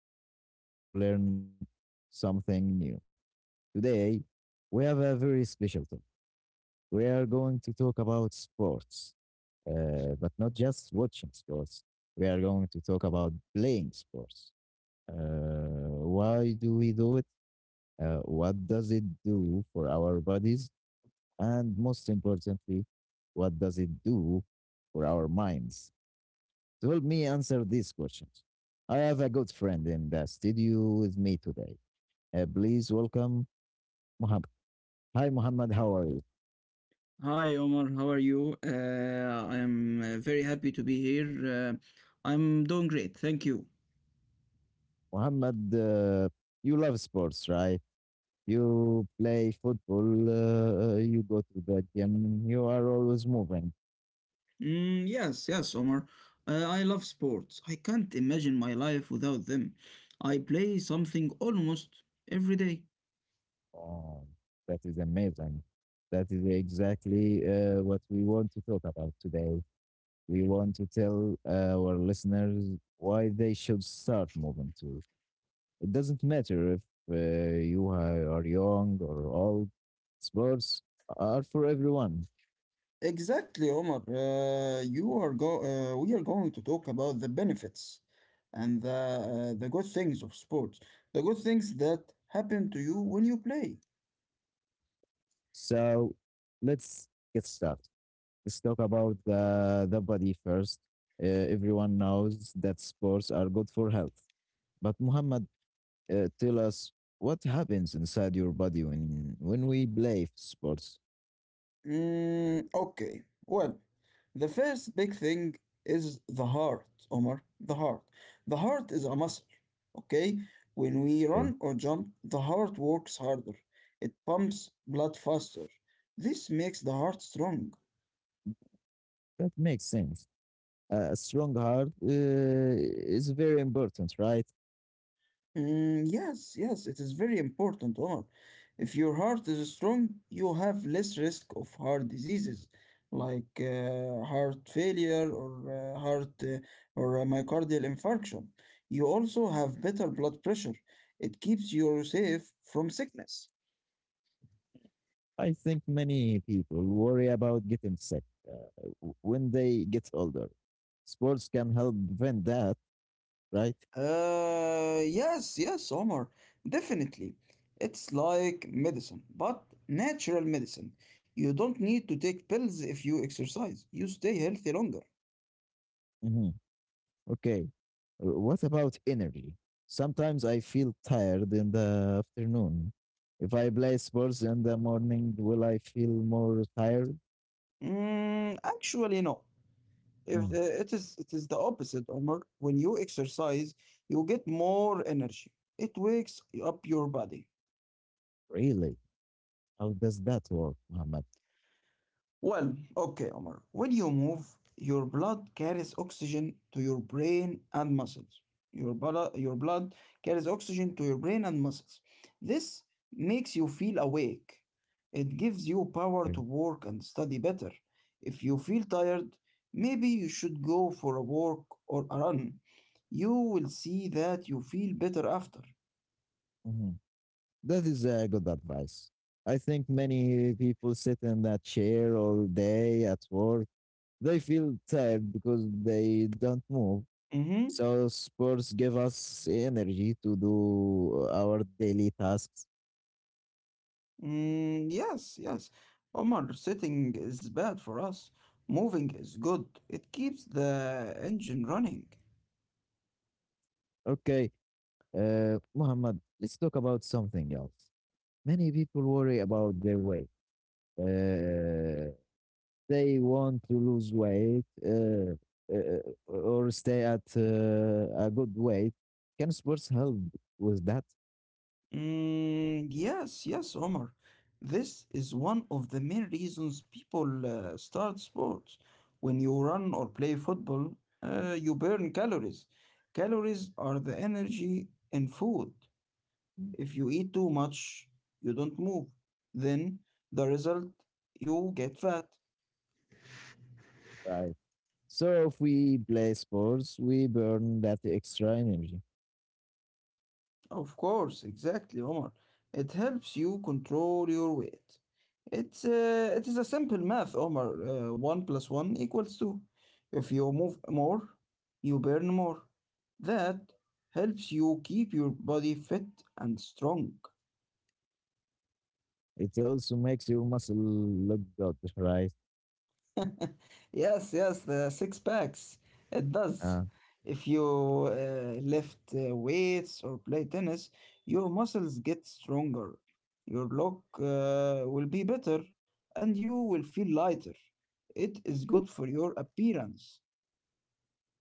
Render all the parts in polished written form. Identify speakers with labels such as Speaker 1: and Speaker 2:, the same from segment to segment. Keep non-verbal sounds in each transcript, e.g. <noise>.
Speaker 1: great and ready to learn something new. Today, we have a very special topic. We are going to talk about sports, but not just watching sports. We are going to talk about playing sports. Uh, why do we do it? What does it do for our bodies? And most importantly, what does it do for our minds? To help me answer these questions, I have a good friend in the studio with me today. Please welcome Muhammad. Hi, Muhammad. How are you?
Speaker 2: Hi Omar, how are you? I am very happy to be here. I'm doing great, thank you.
Speaker 1: Muhammad, you love sports, right? You play football, you go to the gym, you are always moving.
Speaker 2: Mm, yes, yes, Omar. I love sports. I can't imagine my life without them. I play something almost every day.
Speaker 1: Oh, that is amazing. That is exactly what we want to talk about today. We want to tell our listeners why they should start moving too. It doesn't matter if you are young or old, sports are for everyone.
Speaker 2: Exactly, Omar. You are go. We are going to talk about the benefits and the good things of sports, the good things that happen to you when you play.
Speaker 1: So let's get started. Let's talk about the body first. Everyone knows that sports are good for health. But, Muhammad, tell us what happens inside your body when we play sports.
Speaker 2: Mm, okay. Well, the first big thing is the heart, Omar. The heart. The heart is a muscle. Okay? When we
Speaker 1: Okay.
Speaker 2: run or jump, the heart works harder. It pumps blood faster. This makes the heart strong.
Speaker 1: That makes sense. A strong heart is very important, right?
Speaker 2: Mm, yes, yes, it is very important, Omar. If your heart is strong, you have less risk of heart diseases like heart failure or heart or a myocardial infarction. You also have better blood pressure. It keeps you safe from sickness.
Speaker 1: I think many people worry about getting sick when they get older. Sports can help prevent that, right?
Speaker 2: Yes, yes, Omar, definitely. It's like medicine, but natural medicine. You don't need to take pills if you exercise. You stay healthy longer.
Speaker 1: Mhm. Okay. What about energy? Sometimes I feel tired in the afternoon. If I play sports in the morning, will I feel more tired?
Speaker 2: Mm, actually, no. If
Speaker 1: Mm,
Speaker 2: It is the opposite, Omar. When you exercise, you get more energy. It wakes up your body.
Speaker 1: Really? How does that work, Muhammad?
Speaker 2: Well, okay, Omar. When you move, your blood carries oxygen to your brain and muscles. Your blood carries oxygen to your brain and muscles. This makes you feel awake. It gives you power
Speaker 1: Okay.
Speaker 2: to work and study better. If you feel tired, maybe you should go for a walk or a run. You will see that you feel better after.
Speaker 1: Mhm. That is good advice. I think many people sit in that chair all day at work. They feel tired because they don't move.
Speaker 2: Mhm.
Speaker 1: So sports give us energy to do our daily tasks.
Speaker 2: Mm, yes, yes. Omar, sitting is bad for us. Moving is good. It keeps the engine running.
Speaker 1: Okay. Muhammad, let's talk about something else. Many people worry about their weight. Uh, they want to lose weight uh, or stay at a good weight. Can sports help with that?
Speaker 2: Mm, yes, yes, Omar. This is one of the main reasons people start sports. When you run or play football, you burn calories. Calories are the energy in food. If you eat too much, you don't move. Then the result, you get fat.
Speaker 1: Right. So if we play sports, we burn that extra energy.
Speaker 2: Of course, exactly, Omar. It helps you control your weight. It is a simple math, Omar. One plus one equals two. If you move more, you burn more. That helps you keep your body fit and strong.
Speaker 1: It also makes your muscle look good, right?
Speaker 2: <laughs> Yes, yes, the six packs. It does.
Speaker 1: Uh,
Speaker 2: If you lift weights or play tennis, your muscles get stronger. Your look will be better and you will feel lighter. It is good for your appearance.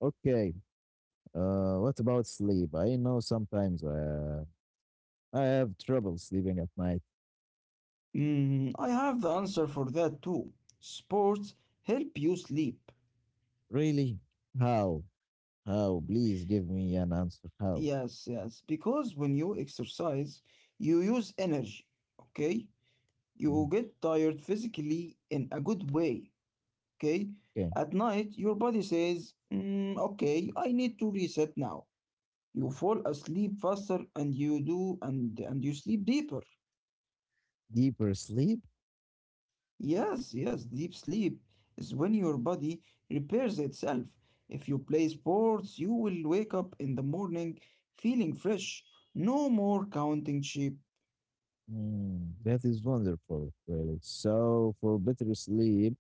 Speaker 1: okay. What about sleep? I know sometimes I have trouble sleeping at night.
Speaker 2: Mm, I have the answer for that too. Sports help you sleep.
Speaker 1: Really? How? How? Please give me an answer. How?
Speaker 2: Yes, yes, because when you exercise, you use energy, okay? You will
Speaker 1: Mm,
Speaker 2: get tired physically in a good way, okay?
Speaker 1: okay.
Speaker 2: At night, your body says, "Mm, okay, I need to reset now. You fall asleep faster and and you sleep deeper.
Speaker 1: Deeper sleep?
Speaker 2: Yes, yes, deep sleep is when your body repairs itself. If you play sports, you will wake up in the morning feeling fresh. No more counting sheep.
Speaker 1: That is wonderful, really. So, for better sleep,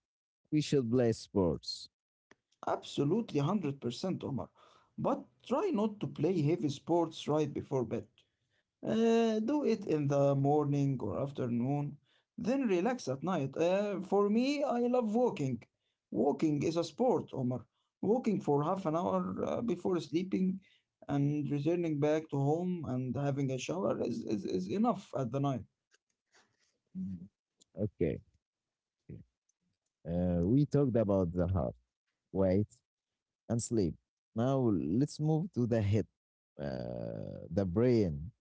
Speaker 1: we should play sports.
Speaker 2: Absolutely 100%, Omar. But try not to play heavy sports right before bed. Do it in the morning or afternoon, then relax at night. For me, I love walking. Walking is a sport, Omar. Walking for half an hour before sleeping and returning back to home and having a shower is enough at the night.
Speaker 1: Mm, okay. Okay. We talked about the heart, weight, and sleep. Now, let's move to the head, the brain.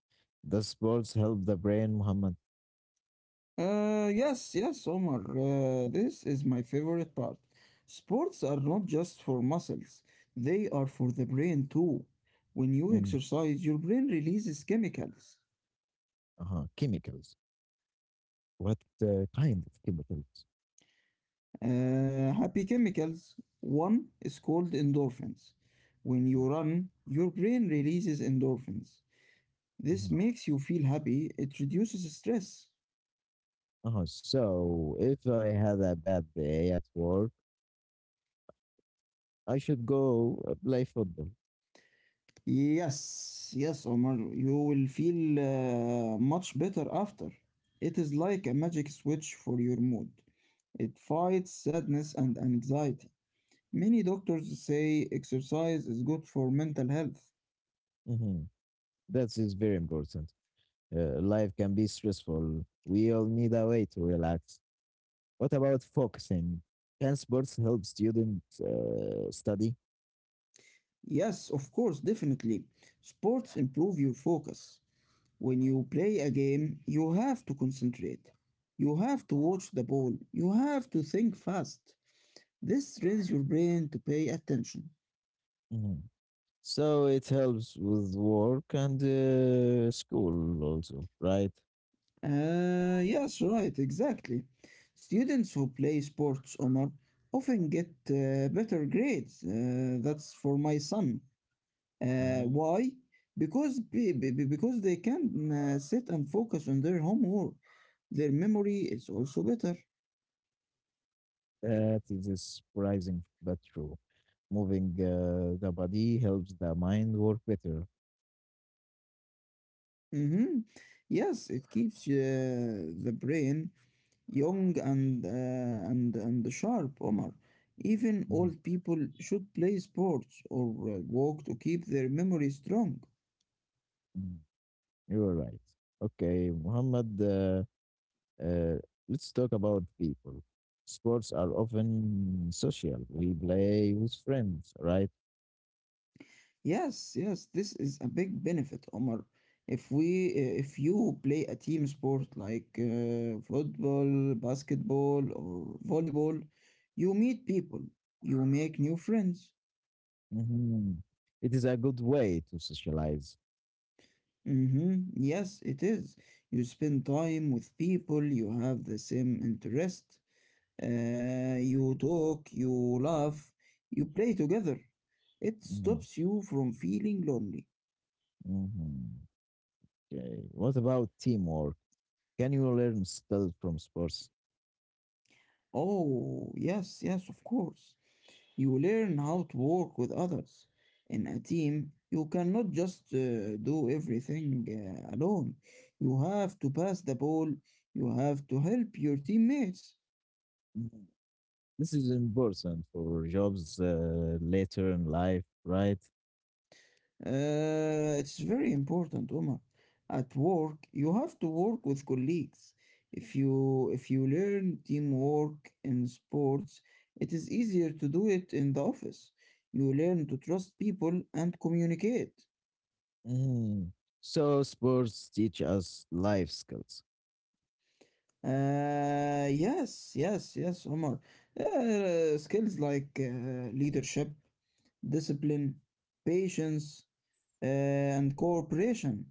Speaker 1: The sports help the brain, Muhammad?
Speaker 2: Yes, yes, Omar. This is my favorite part. Sports are not just for muscles, they are for the brain too. When you
Speaker 1: Mm,
Speaker 2: exercise, your brain releases chemicals.
Speaker 1: uh-huh. Chemicals. What kind of chemicals?
Speaker 2: Happy chemicals. One is called endorphins. When you run, your brain releases endorphins. This
Speaker 1: Mm,
Speaker 2: makes you feel happy, it reduces stress.
Speaker 1: uh-huh. So if I had a bad day at work, I should go play football.
Speaker 2: Yes, yes, Omar, you will feel much better after. It is like a magic switch for your mood. It fights sadness and anxiety. Many doctors say exercise is good for mental health.
Speaker 1: Mm-hmm. That is very important. Life can be stressful. We all need a way to relax. What about focusing? Can sports help students study?
Speaker 2: Yes, of course, definitely. Sports improve your focus. When you play a game, you have to concentrate. You have to watch the ball. You have to think fast. This trains your brain to pay attention.
Speaker 1: Mhm. So it helps with work and school also, right?
Speaker 2: Yes, right, exactly. Students who play sports, Omar, often get better grades. That's for my son.
Speaker 1: Mhm.
Speaker 2: Why? Because be- because they can sit and focus on their homework. Their memory is also better.
Speaker 1: That is surprising but true. Moving the body helps the mind work better.
Speaker 2: Mm-hmm. Yes, it keeps the brain young and and sharp, Omar. Even
Speaker 1: Mhm,
Speaker 2: old people should play sports or walk to keep their memory strong.
Speaker 1: mhm. You are right. Okay, Muhammad, uh, let's talk about people. Sports are often social. We play with friends, right?
Speaker 2: Yes, yes, this is a big benefit, Omar. If you play a team sport like football, basketball, or volleyball, you meet people, you make new friends.
Speaker 1: Mhm. It is a good way to socialize.
Speaker 2: Mm-hmm. Yes, it is. You spend time with people, you have the same interest, you talk, you laugh, you play together. It
Speaker 1: Mhm,
Speaker 2: stops you from feeling lonely.
Speaker 1: mhm. Okay. What about teamwork? Can you learn skills from sports?
Speaker 2: Oh, yes, yes, of course. You learn how to work with others. In a team, you cannot just do everything alone. You have to pass the ball, you have to help your teammates.
Speaker 1: Mm, This is important for jobs later in life, right?
Speaker 2: It's very important, Omar. At work, you have to work with colleagues. If you learn teamwork in sports, it is easier to do it in the office. You learn to trust people and communicate.
Speaker 1: Mhm. So sports teach us life skills.
Speaker 2: Yes, yes, yes, Omar. Skills like leadership, discipline, patience, and cooperation.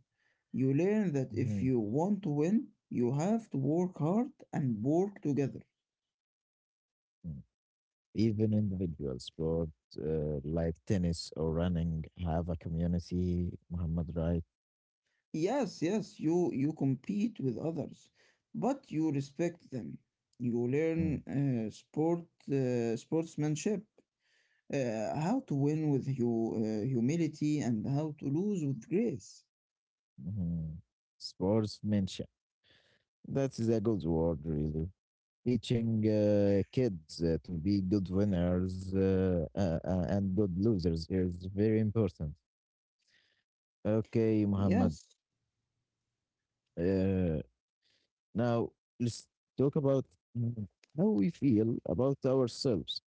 Speaker 2: You learn that
Speaker 1: Mhm.
Speaker 2: if you want to win, you have to work hard and work together.
Speaker 1: Mm. Even individual sport like tennis or running have a community. Muhammad, right?
Speaker 2: Yes, yes, you compete with others, but you respect them. You learn
Speaker 1: Mm,
Speaker 2: uh, sport sportsmanship, how to win with humility and how to lose with grace.
Speaker 1: mhm. Sports mention. That is a good word, really. Teaching kids to be good winners and good losers is very important. Okay, Muhammad.
Speaker 2: Yes,
Speaker 1: Uh, Now let's talk about mm, how we feel about ourselves.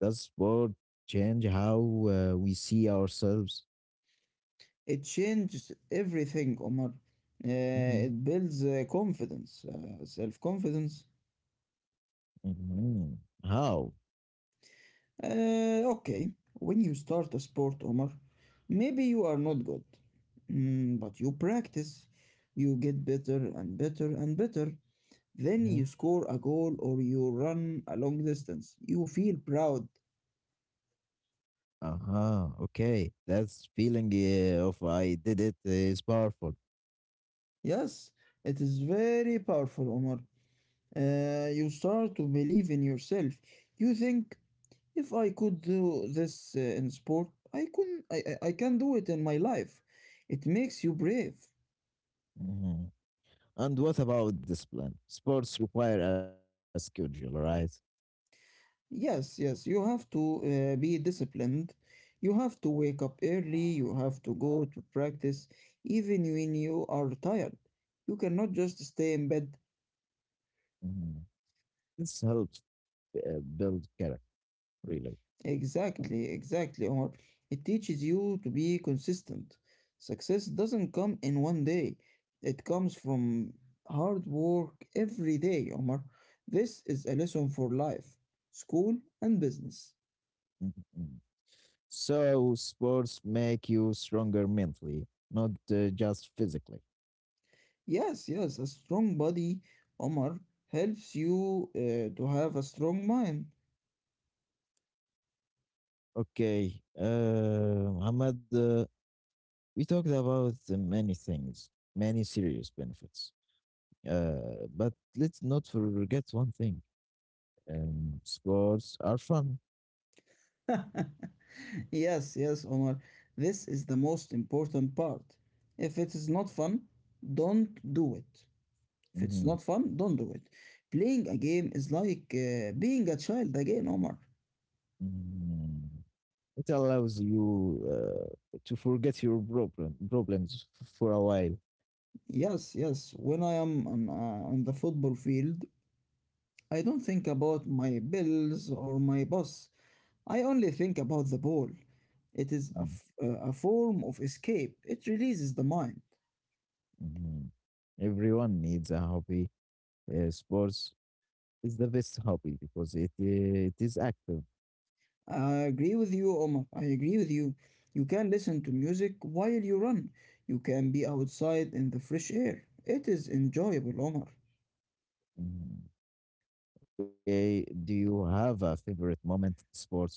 Speaker 1: Does sport change how we see ourselves?
Speaker 2: it changes everything, Omar. Uh,
Speaker 1: Hmm.
Speaker 2: it builds confidence, self confidence.
Speaker 1: Hmm. How?
Speaker 2: Okay, when you start a sport, Omar, maybe you are not good. Mm, but you practice, you get better and better and better. Then
Speaker 1: Hmm.
Speaker 2: you score a goal or you run a long distance. You feel proud.
Speaker 1: Uh-huh. Okay, that's feeling of "I did it" is powerful.
Speaker 2: Yes, it is very powerful, Omar. You start to believe in yourself. You think if I could do this in sport, I can I, I can do it in my life. It makes you brave.
Speaker 1: Mhm. And what about discipline? Sports require a schedule, right?
Speaker 2: Yes, yes, you have to be disciplined. You have to wake up early, you have to go to practice even when you are tired. You cannot just stay in bed.
Speaker 1: Mhm. This helps build character, really.
Speaker 2: Exactly, exactly, Omar. It teaches you to be consistent. Success doesn't come in one day, it comes from hard work every day, Omar. This is a lesson for life, school, and business.
Speaker 1: Mhm. So sports make you stronger mentally, not just physically.
Speaker 2: Yes, yes, a strong body, Omar, helps you to have a strong mind.
Speaker 1: Okay, Muhammad, we talked about many things, many serious benefits. But let's not forget one thing. Sports are fun.
Speaker 2: <laughs> Yes, yes, Omar. This is the most important part. If it is not fun, don't do it. If it's
Speaker 1: Mhm.
Speaker 2: not fun, don't do it. Playing a game is like being a child again, Omar.
Speaker 1: Mhm. It allows you to forget your problems for a while.
Speaker 2: Yes, yes. When I am on the football field, I don't think about my bills or my boss. I only think about the ball. It is
Speaker 1: Mm,
Speaker 2: a form of escape. It releases the mind.
Speaker 1: mhm. Everyone needs a hobby. Sports is the best hobby because it is active.
Speaker 2: I agree with you, Omar. I agree with you. You can listen to music while you run. You can be outside in the fresh air. It is enjoyable, Omar.
Speaker 1: Mhm. Do you have a favorite moment in sports?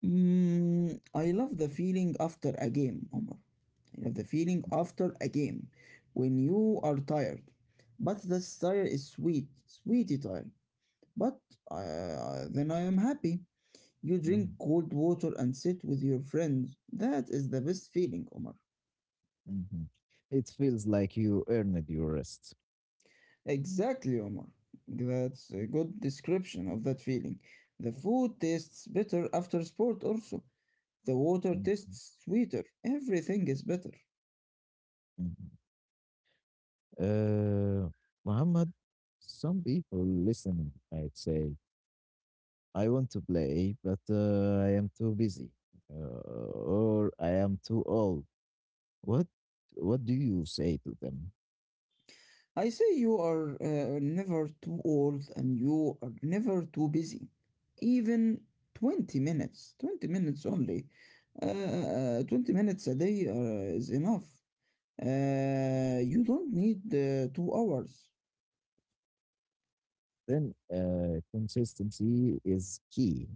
Speaker 2: Mm, I love the feeling after a game, Omar. I love the feeling after a game when you are tired. But this tire is sweet, sweetie tired. But then I am happy. You
Speaker 1: Mhm,
Speaker 2: drink cold water and sit with your friends. That is the best feeling, Omar.
Speaker 1: mhm. It feels like you earned your rest.
Speaker 2: Exactly, Omar. That's a good description of that feeling. The food tastes better after sport, also. The water
Speaker 1: Mhm,
Speaker 2: tastes sweeter. Everything is better.
Speaker 1: mhm. Uh, Muhammad, some people listen, I'd say. I want to play, but I am too busy, or I am too old. What do you say to them?
Speaker 2: I say you are never too old and you are never too busy. Even 20 minutes, 20 minutes only, uh, 20 minutes a day is enough. You don't need 2 hours.
Speaker 1: Then consistency is key.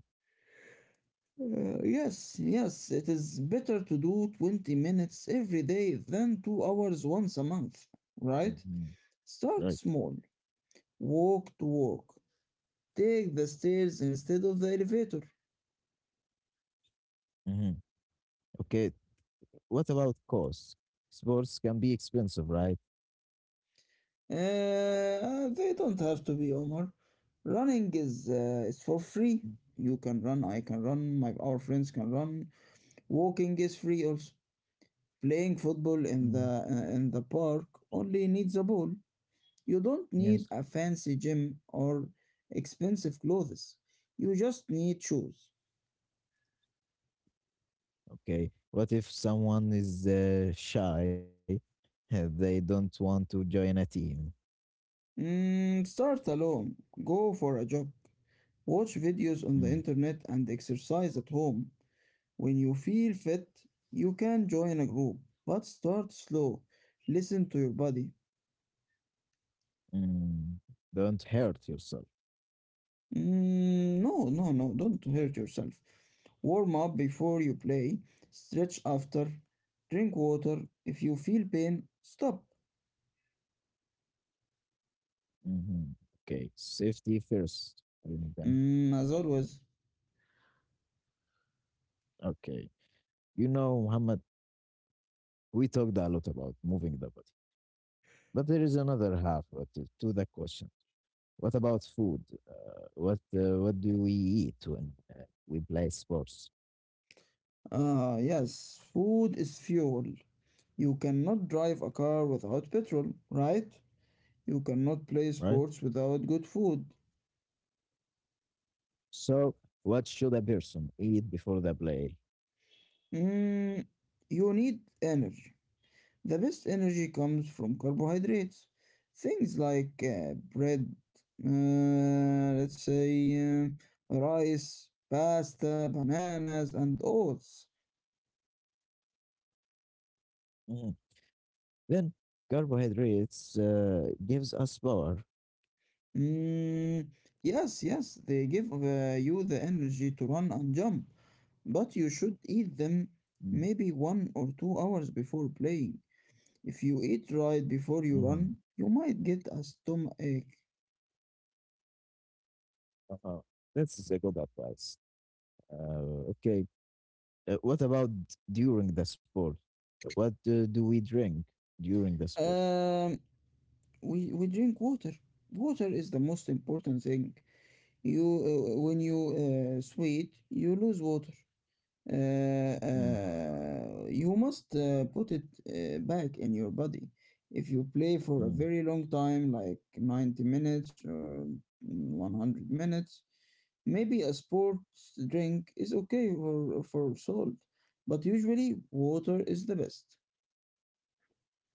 Speaker 2: Yes, yes, it is better to do 20 minutes every day than 2 hours once a month, right?
Speaker 1: Mhm,
Speaker 2: Start
Speaker 1: right.
Speaker 2: small, walk to work, take the stairs instead of the elevator.
Speaker 1: Hmm. Okay. What about cost? Sports can be expensive, right?
Speaker 2: They don't have to be, Omar. Running is for
Speaker 1: Mm,
Speaker 2: free. You can run, I can run, my our friends can run. Walking is free also. Playing football
Speaker 1: mm,
Speaker 2: in the park only needs a ball. You don't
Speaker 1: yes.
Speaker 2: need a fancy gym or expensive clothes. You just need shoes.
Speaker 1: Okay. What if someone is shy? <laughs> They don't want to join a team.
Speaker 2: Mm, start alone. Go for a jog. Watch videos on
Speaker 1: Mm.
Speaker 2: the internet and exercise at home. When you feel fit, you can join a group, but start slow. Listen to your body.
Speaker 1: Mm. Don't hurt yourself.
Speaker 2: Mm, no, no, no, don't hurt yourself. Warm up before you play, stretch after, drink water. If you feel pain, stop.
Speaker 1: Hmm. Okay, safety first, really. Then.
Speaker 2: Mm, as always.
Speaker 1: Okay. You know, Muhammad, we talked a lot about moving the body, but there is another half to the question. What about food? What do we eat when we play sports,
Speaker 2: Ah, yes, food is fuel. You cannot drive a car without petrol, right? You cannot play
Speaker 1: right?
Speaker 2: sports without good food.
Speaker 1: So, what should a person eat before the play?
Speaker 2: Mm, you need energy. The best energy comes from carbohydrates. Things like bread, let's say rice, pasta, bananas, and oats.
Speaker 1: Mhm. Then carbohydrates gives us power.
Speaker 2: Mm, yes, yes, they give you the energy to run and jump, but you should eat them maybe 1 or 2 hours before playing. If you eat right before you
Speaker 1: Mm-hmm.
Speaker 2: run, you might get a stomachache.
Speaker 1: Uh-huh. That's a good advice. Okay. What about during the sport? What do we drink during the sport?
Speaker 2: Um, we drink water. Water is the most important thing. You when you sweat, you lose water.
Speaker 1: Mm,
Speaker 2: You must put it back in your body. If you play for a
Speaker 1: mm,
Speaker 2: very long time, like 90 minutes or 100 minutes, maybe a sports drink is okay for salt, but usually water is the best.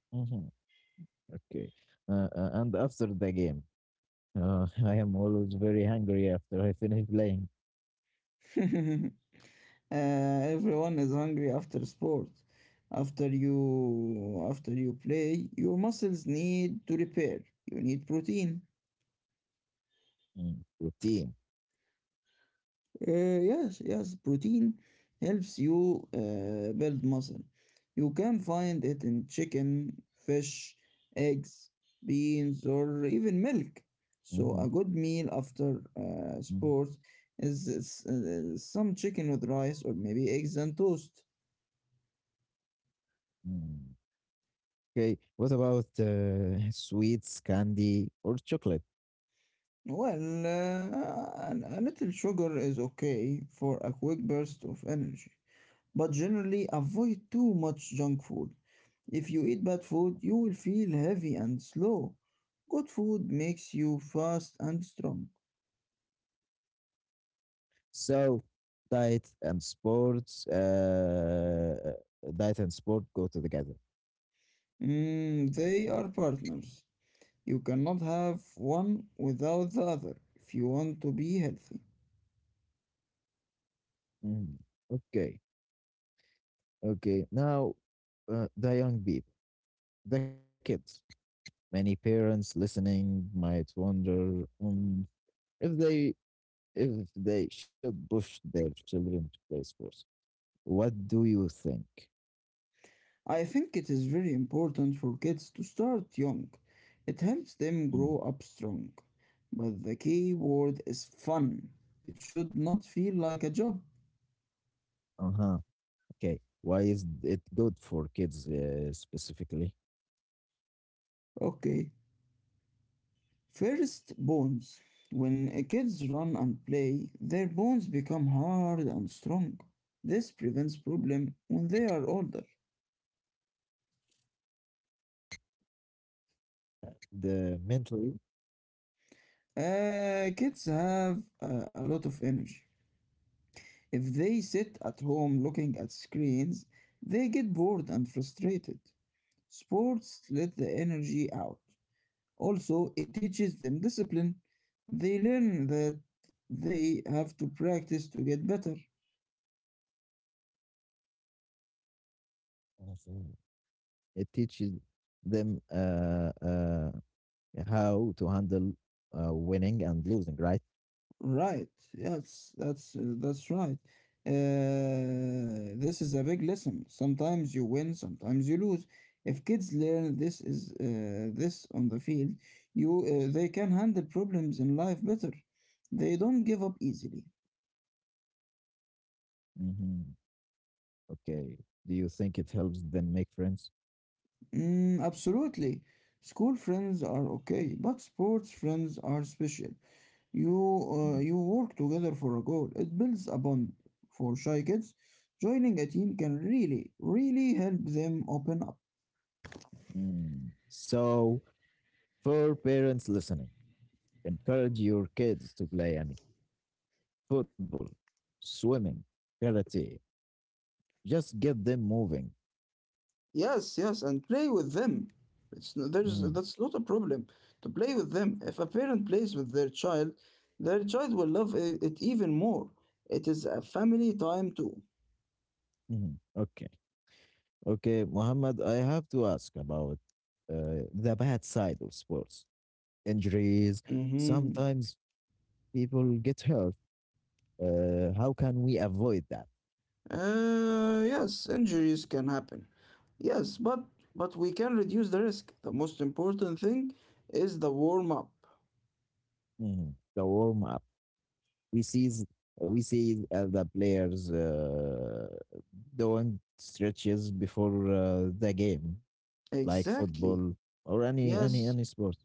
Speaker 1: mhm, okay. And after the game, <laughs> I am always very hungry after I finish playing.
Speaker 2: <laughs> Everyone is hungry after sport. After you play, your muscles need to repair. You need protein.
Speaker 1: Routine.
Speaker 2: Yes, yes, protein helps you build muscle. You can find it in chicken, fish, eggs, beans, or even milk.
Speaker 1: Mm-hmm,
Speaker 2: So a good meal after
Speaker 1: mm,
Speaker 2: sport is some chicken with rice or maybe eggs and toast.
Speaker 1: mm. Okay. What about <laughs> sweets, candy, or chocolate?
Speaker 2: Well, a little sugar is okay for a quick burst of energy, but generally avoid too much junk food. If you eat bad food, you will feel heavy and slow. Good food makes you fast and strong.
Speaker 1: So, diet and sport go together.
Speaker 2: Mm, they are partners. You cannot have one without the other if you want to be healthy.
Speaker 1: Mm, okay. Okay, now the young people, the kids. Many parents listening might wonder if they if they should push their children to play sports. What do you think?
Speaker 2: I think it is very important for kids to start young. It helps them
Speaker 1: Mm,
Speaker 2: grow up strong. But the key word is fun. It should not feel like a job.
Speaker 1: uh-huh. Okay. Why is it good for kids specifically?
Speaker 2: Okay. First, bones. When kids run and play, their bones become hard and strong. This prevents problem when they are older.
Speaker 1: The mentally.
Speaker 2: Kids have a lot of energy. If they sit at home looking at screens, they get bored and frustrated. Sports let the energy out. Also, it teaches them discipline. They learn that they have to practice to get better.
Speaker 1: Mhm. It teaches them how to handle winning and losing, right?
Speaker 2: Right. Yes, that's right. This is a big lesson. Sometimes you win, sometimes you lose. If kids learn this on the field, you they can handle problems in life better. They don't give up easily.
Speaker 1: Hmm. Okay. Do you think it helps them make friends?
Speaker 2: Mm, absolutely. School friends are okay, but sports friends are special. You work together for a goal. It builds a bond. For shy kids, joining a team can really, really help them open up.
Speaker 1: Mm. So, for parents listening, encourage your kids to play any football, swimming, karate. Just get them moving.
Speaker 2: Yes, yes, and play with them. It's n- there's
Speaker 1: Mm.
Speaker 2: that's not a problem to play with them. If a parent plays with their child will love it even more. It is a family time too.
Speaker 1: Mhm. Okay. Okay, Muhammad, I have to ask about the bad side of sports injuries.
Speaker 2: Mm-hmm.
Speaker 1: Sometimes people get hurt. How can we avoid that?
Speaker 2: Yes, injuries can happen. Yes, but we can reduce the risk. The most important thing is the warm up.
Speaker 1: Mhm. The warm up we see we see the players doing stretches before the game, like
Speaker 2: Exactly.
Speaker 1: football or
Speaker 2: Yes.
Speaker 1: any sport.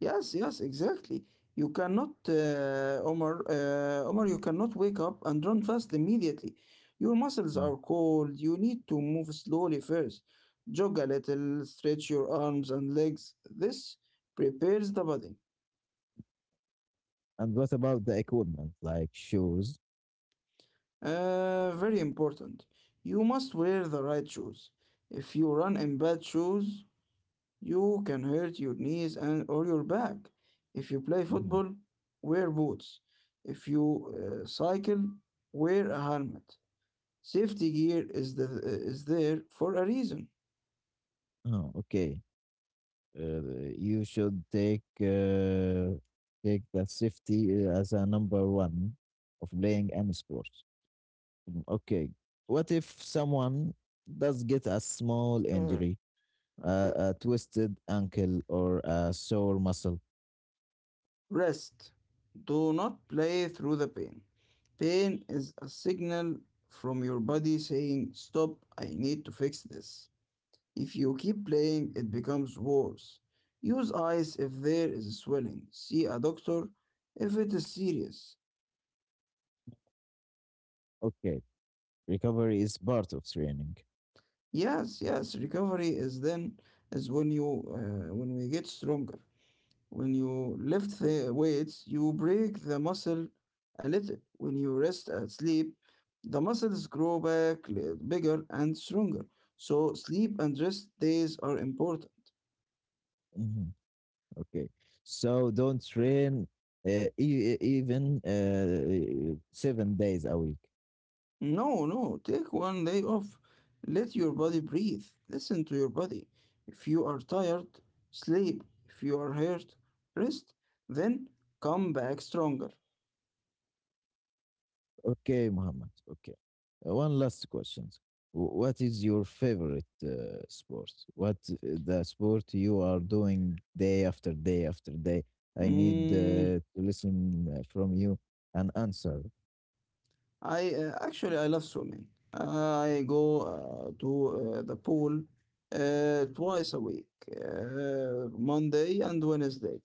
Speaker 2: Yes. Yes. Exactly. You cannot, Omar. Omar, you cannot wake up and run fast immediately. Your muscles
Speaker 1: Mm.
Speaker 2: are cold. You need to move slowly first. Jog a little. Stretch your arms and legs. This prepares the body.
Speaker 1: And what about the equipment, like shoes?
Speaker 2: Very important. You must wear the right shoes. If you run in bad shoes, you can hurt your knees and or your back. If you play
Speaker 1: Mhm.
Speaker 2: football, wear boots. If you cycle, wear a helmet. Safety gear is there for a reason.
Speaker 1: Oh, okay. You should take the safety as a number one of playing any sport. Mm, okay. What if someone does get a small injury? A twisted ankle, or a sore muscle.
Speaker 2: Rest. Do not play through the pain. Pain is a signal from your body saying, "Stop, I need to fix this." If you keep playing, it becomes worse. Use ice if there is swelling. See a doctor if it is serious.
Speaker 1: Okay, recovery is part of training.
Speaker 2: Yes, yes, recovery is when you when we get stronger. When you lift the weights, you break the muscle a little. When you rest and sleep, the muscles grow back bigger and stronger. So sleep and rest days are important.
Speaker 1: Mhm. Okay, so don't train even 7 days a week.
Speaker 2: No, no, take 1 day off. Let your body breathe. Listen to your body. If you are tired, sleep. If you are hurt, rest. Then come back stronger.
Speaker 1: Okay, Muhammad. Okay. One last question. What is your favorite sport? What the sport you are doing day after day after day? I need
Speaker 2: Mm,
Speaker 1: to listen from you an answer.
Speaker 2: I actually I love swimming. I go to the pool twice a week, Monday and Wednesday.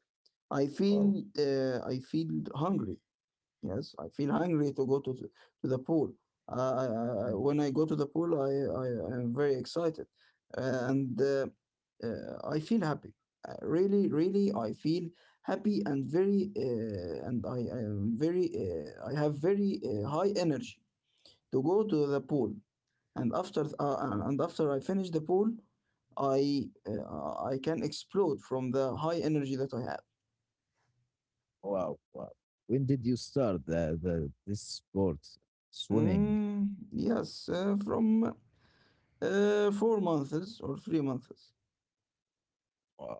Speaker 1: Wow.
Speaker 2: I feel hungry. Yes, I feel hungry to go to the pool. Uh, I, I, I-
Speaker 1: Mm.
Speaker 2: when I go to the pool, I, I am very excited. And I feel happy. Really, really, I feel happy and I am I have very high energy to go to the pool. And after I finish the pool, I can explode from the high energy that I have.
Speaker 1: Wow. Wow. When did you start this sport? Swimming.
Speaker 2: Mm, yes, from 4 months or 3 months.
Speaker 1: Wow. Wow.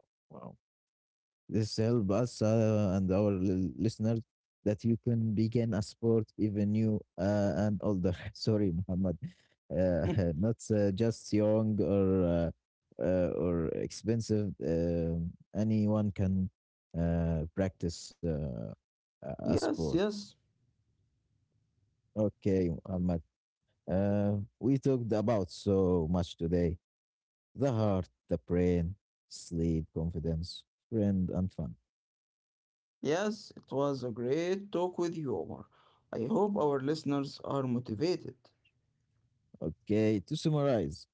Speaker 1: This help us and our listeners that you can begin a sport even you and older. <laughs> Sorry, Muhammad, uh, <laughs>
Speaker 2: <laughs>
Speaker 1: not just young or expensive. Anyone can practice a
Speaker 2: yes,
Speaker 1: sport.
Speaker 2: yes,
Speaker 1: Okay, Muhammad. We talked about so much today: the heart, the brain, sleep, confidence, friend, and fun.
Speaker 2: yes, it was a great talk with you, Omar. I hope our listeners are motivated.
Speaker 1: Okay, to summarize,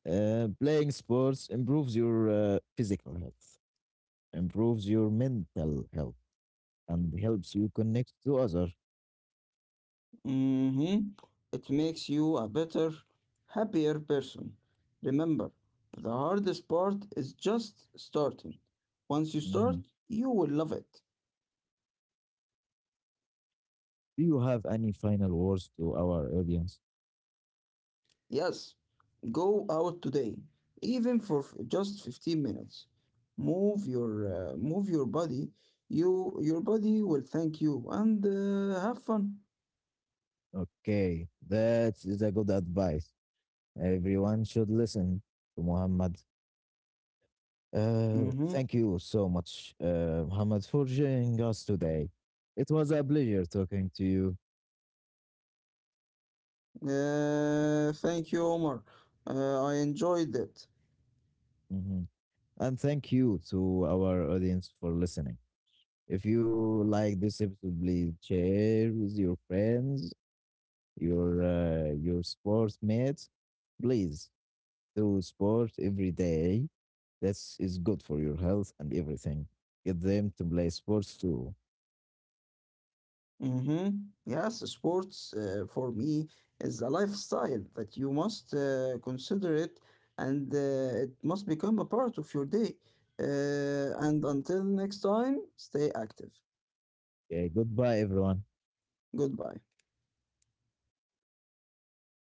Speaker 1: Playing sports improves your physical health, improves your mental health, and helps you connect to others.
Speaker 2: Mm-hmm. It makes you a better, happier person. Remember, the hardest part is just starting. Once you start,
Speaker 1: Mhm.
Speaker 2: you will love it.
Speaker 1: Do you have any final words to our audience?
Speaker 2: Yes. Go out today, even for just 15 minutes. Move your body. Your body will thank you and have fun.
Speaker 1: Okay, that is a good advice. Everyone should listen to Muhammad.
Speaker 2: Mm-hmm.
Speaker 1: Thank you so much, Muhammad, for joining us today. It was a pleasure talking to you.
Speaker 2: Thank you, Omar. I enjoyed it.
Speaker 1: Mhm. And thank you to our audience for listening. If you like this episode, please share with your friends, your sports mates. Please do sport every day. That's is good for your health and everything. Get them to play sports too.
Speaker 2: Mm-hmm. Yes, sports for me is a lifestyle that you must consider it, and it must become a part of your day. And until next time, stay active.
Speaker 1: Okay, goodbye everyone.
Speaker 2: Goodbye.